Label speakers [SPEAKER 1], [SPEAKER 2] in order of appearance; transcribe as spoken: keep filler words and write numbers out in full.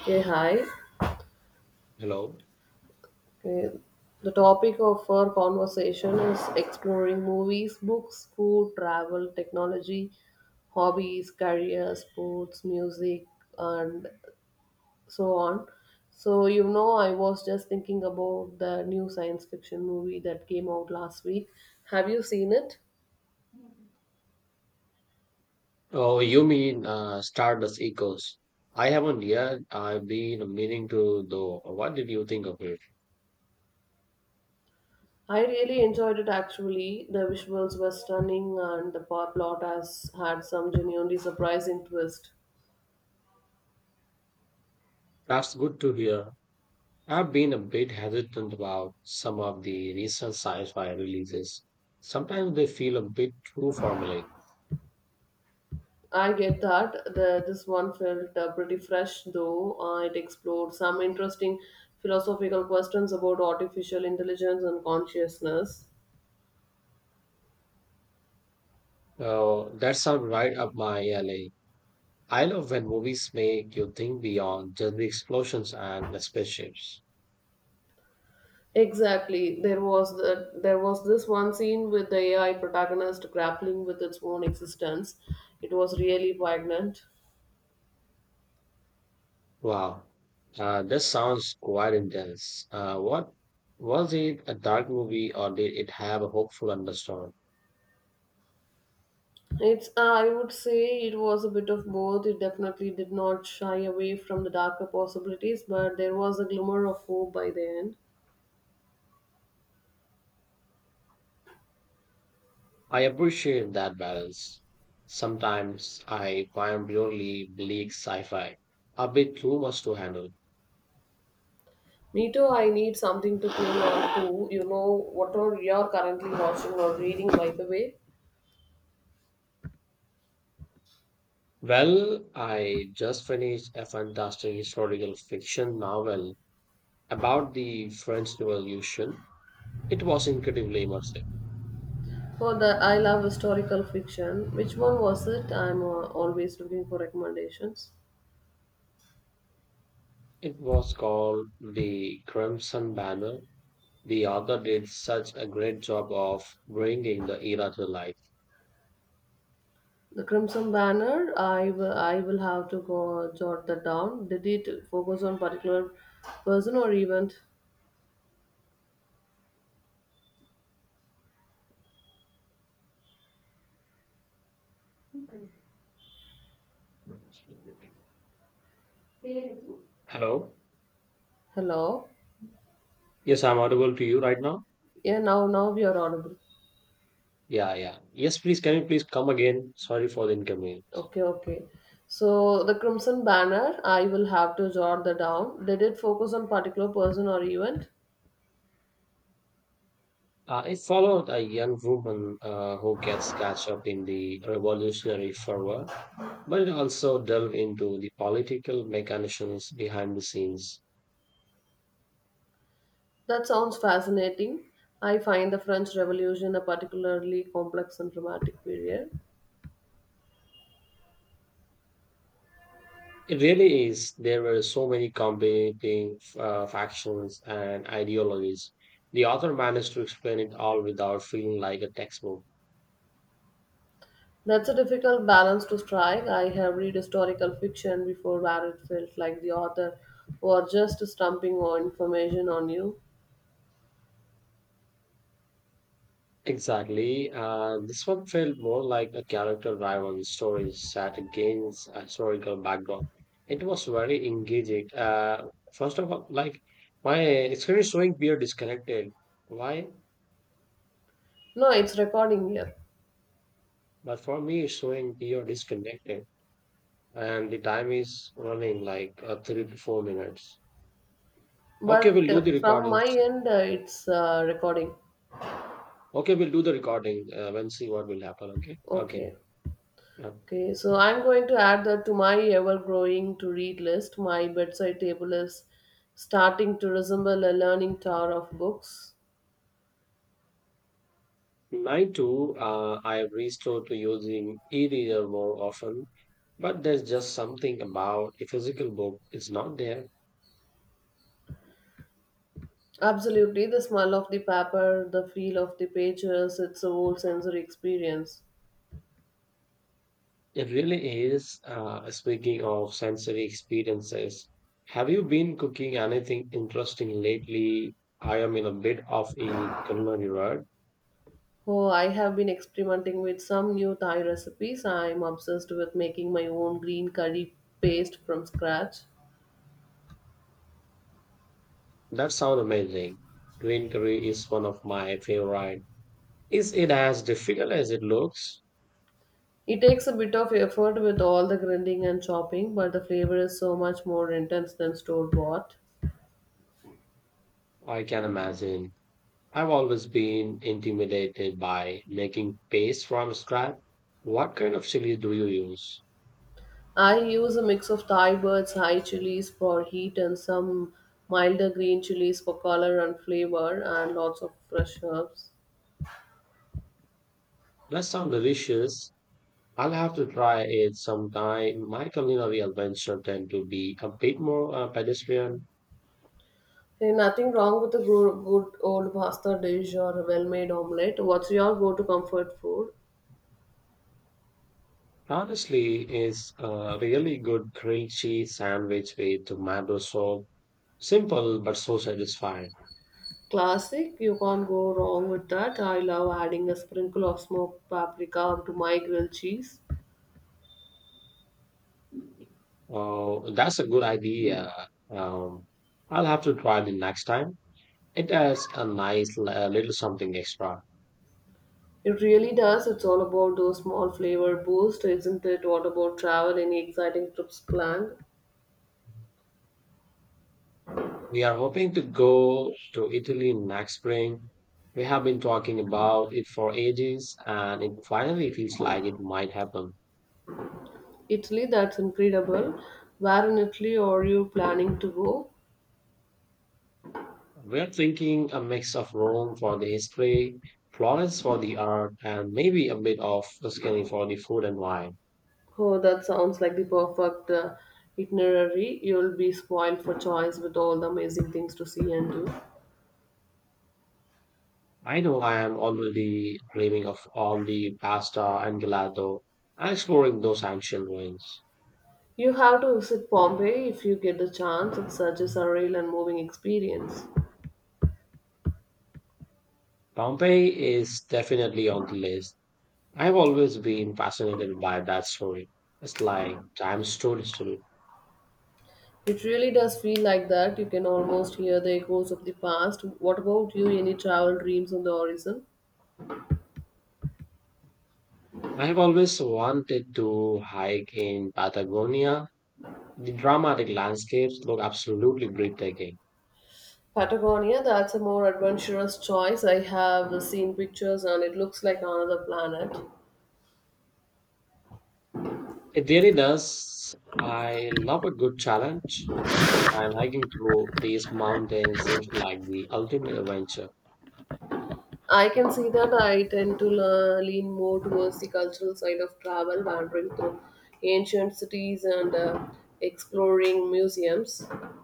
[SPEAKER 1] Okay, hi.
[SPEAKER 2] Hello.
[SPEAKER 1] Okay, the topic of our conversation is exploring movies, books, food, travel, technology, hobbies, career, sports, music, and so on. So, you know, I was just thinking about the new science fiction movie that came out last week. Have you seen it?
[SPEAKER 2] Oh, you mean uh, Stardust Echoes? I haven't yet. I've been meaning to, though. What did you think of it?
[SPEAKER 1] I really enjoyed it actually. The visuals were stunning, and the plot has had some genuinely surprising twist.
[SPEAKER 2] That's good to hear. I've been a bit hesitant about some of the recent sci-fi releases. Sometimes they feel a bit too formulaic.
[SPEAKER 1] I get that. The, this one felt uh, pretty fresh, though. Uh, it explored some interesting philosophical questions about artificial intelligence and consciousness.
[SPEAKER 2] Oh, that sounds right up my alley. I love when movies make you think beyond just the explosions and the spaceships.
[SPEAKER 1] Exactly. There was the, there was this one scene with the A I protagonist grappling with its own existence. It was really poignant.
[SPEAKER 2] Wow, uh, this sounds quite intense. Uh, what was it, a dark movie, or did it have a hopeful undertone?
[SPEAKER 1] It's uh, I would say it was a bit of both. It definitely did not shy away from the darker possibilities, but there was a glimmer of hope by the end.
[SPEAKER 2] I appreciate that balance. Sometimes I find purely bleak sci-fi a bit too much to handle.
[SPEAKER 1] Me too, I need something to cling on to. You know, whatever you're currently watching or reading, by the way?
[SPEAKER 2] Well, I just finished a fantastic historical fiction novel about the French Revolution. It was incredibly immersive.
[SPEAKER 1] For that, I love historical fiction. Which one was it? I'm uh, always looking for recommendations.
[SPEAKER 2] It was called The Crimson Banner. The author did such a great job of bringing the era to life.
[SPEAKER 1] The Crimson Banner, I will, I will have to go jot that down. Did it focus on particular person or event?
[SPEAKER 2] Hello?
[SPEAKER 1] Hello?
[SPEAKER 2] Yes, I'm audible to you right now.
[SPEAKER 1] Yeah, now, now we are audible.
[SPEAKER 2] Yeah, yeah. Yes, please, can you please come again? Sorry for the inconvenience.
[SPEAKER 1] Okay, okay. So the Crimson Banner, I will have to jot that down. Did it focus on particular person or event?
[SPEAKER 2] Uh, it followed a young woman uh, who gets catch up in the revolutionary fervor, but it also delved into the political mechanisms behind the scenes.
[SPEAKER 1] That sounds fascinating. I find the French Revolution a particularly complex and dramatic period.
[SPEAKER 2] It really is. There were so many competing uh, factions and ideologies. The author managed to explain it all without feeling like a textbook.
[SPEAKER 1] That's a difficult balance to strike. I have read historical fiction before where it felt like the author was just stumping on information on you.
[SPEAKER 2] Exactly. Uh, this one felt more like a character driven story set against a historical background. It was very engaging. Uh, first of all, like, my experience showing peer disconnected. Why?
[SPEAKER 1] No, it's recording here.
[SPEAKER 2] But for me, it's showing peer disconnected. And the time is running like uh, three to four minutes. Okay,
[SPEAKER 1] But
[SPEAKER 2] we'll do
[SPEAKER 1] uh,
[SPEAKER 2] the
[SPEAKER 1] from my
[SPEAKER 2] recordings.
[SPEAKER 1] end, uh, it's uh, recording.
[SPEAKER 2] Okay, we'll do the recording uh, and see what will happen. Okay, okay.
[SPEAKER 1] Okay.
[SPEAKER 2] Yeah.
[SPEAKER 1] Okay, so I'm going to add that to my ever growing to read list. My bedside table is starting to resemble a learning tower of books.
[SPEAKER 2] Mine too. Uh, I have restored to using e-reader more often, but there's just something about a physical book. It's not there.
[SPEAKER 1] Absolutely, the smell of the paper, the feel of the pages, it's a whole sensory experience.
[SPEAKER 2] It really is. Uh, speaking of sensory experiences, have you been cooking anything interesting lately? I am in a bit of a culinary rut.
[SPEAKER 1] Oh, I have been experimenting with some new Thai recipes. I'm obsessed with making my own green curry paste from scratch.
[SPEAKER 2] That sounds amazing. Green curry is one of my favorite. Is it as difficult as it looks?
[SPEAKER 1] It takes a bit of effort with all the grinding and chopping, but the flavor is so much more intense than store bought.
[SPEAKER 2] I can imagine. I've always been intimidated by making paste from scratch. What kind of chili do you use?
[SPEAKER 1] I use a mix of Thai birds, high chilies for heat, and some milder green chilies for color and flavor, and lots of fresh herbs.
[SPEAKER 2] That sounds delicious. I'll have to try it sometime. My culinary adventure tend to be a bit more uh, pedestrian.
[SPEAKER 1] Hey, nothing wrong with a good, good old pasta dish or a well-made omelette. What's your go-to comfort food?
[SPEAKER 2] Honestly, is a really good grilled cheese sandwich with tomato sauce. Simple but so satisfying.
[SPEAKER 1] Classic, you can't go wrong with that. I love adding a sprinkle of smoked paprika to my grilled cheese.
[SPEAKER 2] Oh, that's a good idea. Um, I'll have to try them next time. It has a nice li- uh, little something extra.
[SPEAKER 1] It really does. It's all about those small flavor boosts, isn't it? What about travel? Any exciting trips planned?
[SPEAKER 2] We are hoping to go to Italy next spring. We have been talking about it for ages, and it finally feels like it might happen.
[SPEAKER 1] Italy, that's incredible. Where in Italy are you planning to go?
[SPEAKER 2] We're thinking a mix of Rome for the history, Florence for the art, and maybe a bit of Tuscany for the food and wine.
[SPEAKER 1] Oh, that sounds like the perfect uh, itinerary. You'll be spoiled for choice with all the amazing things to see and do.
[SPEAKER 2] I know I am already dreaming of all the pasta and gelato and exploring those ancient ruins.
[SPEAKER 1] You have to visit Pompeii if you get the chance. It's such a surreal and moving experience.
[SPEAKER 2] Pompeii is definitely on the list. I've always been fascinated by that story. It's like time stood still.
[SPEAKER 1] It really does feel like that. You can almost hear the echoes of the past. What about you? Any travel dreams on the horizon?
[SPEAKER 2] I have always wanted to hike in Patagonia. The dramatic landscapes look absolutely breathtaking.
[SPEAKER 1] Patagonia, that's a more adventurous choice. I have seen pictures and it looks like another planet.
[SPEAKER 2] It really does. I love a good challenge, and hiking through these mountains seems like the ultimate adventure.
[SPEAKER 1] I can see that I tend to le- lean more towards the cultural side of travel, wandering through ancient cities and uh, exploring museums.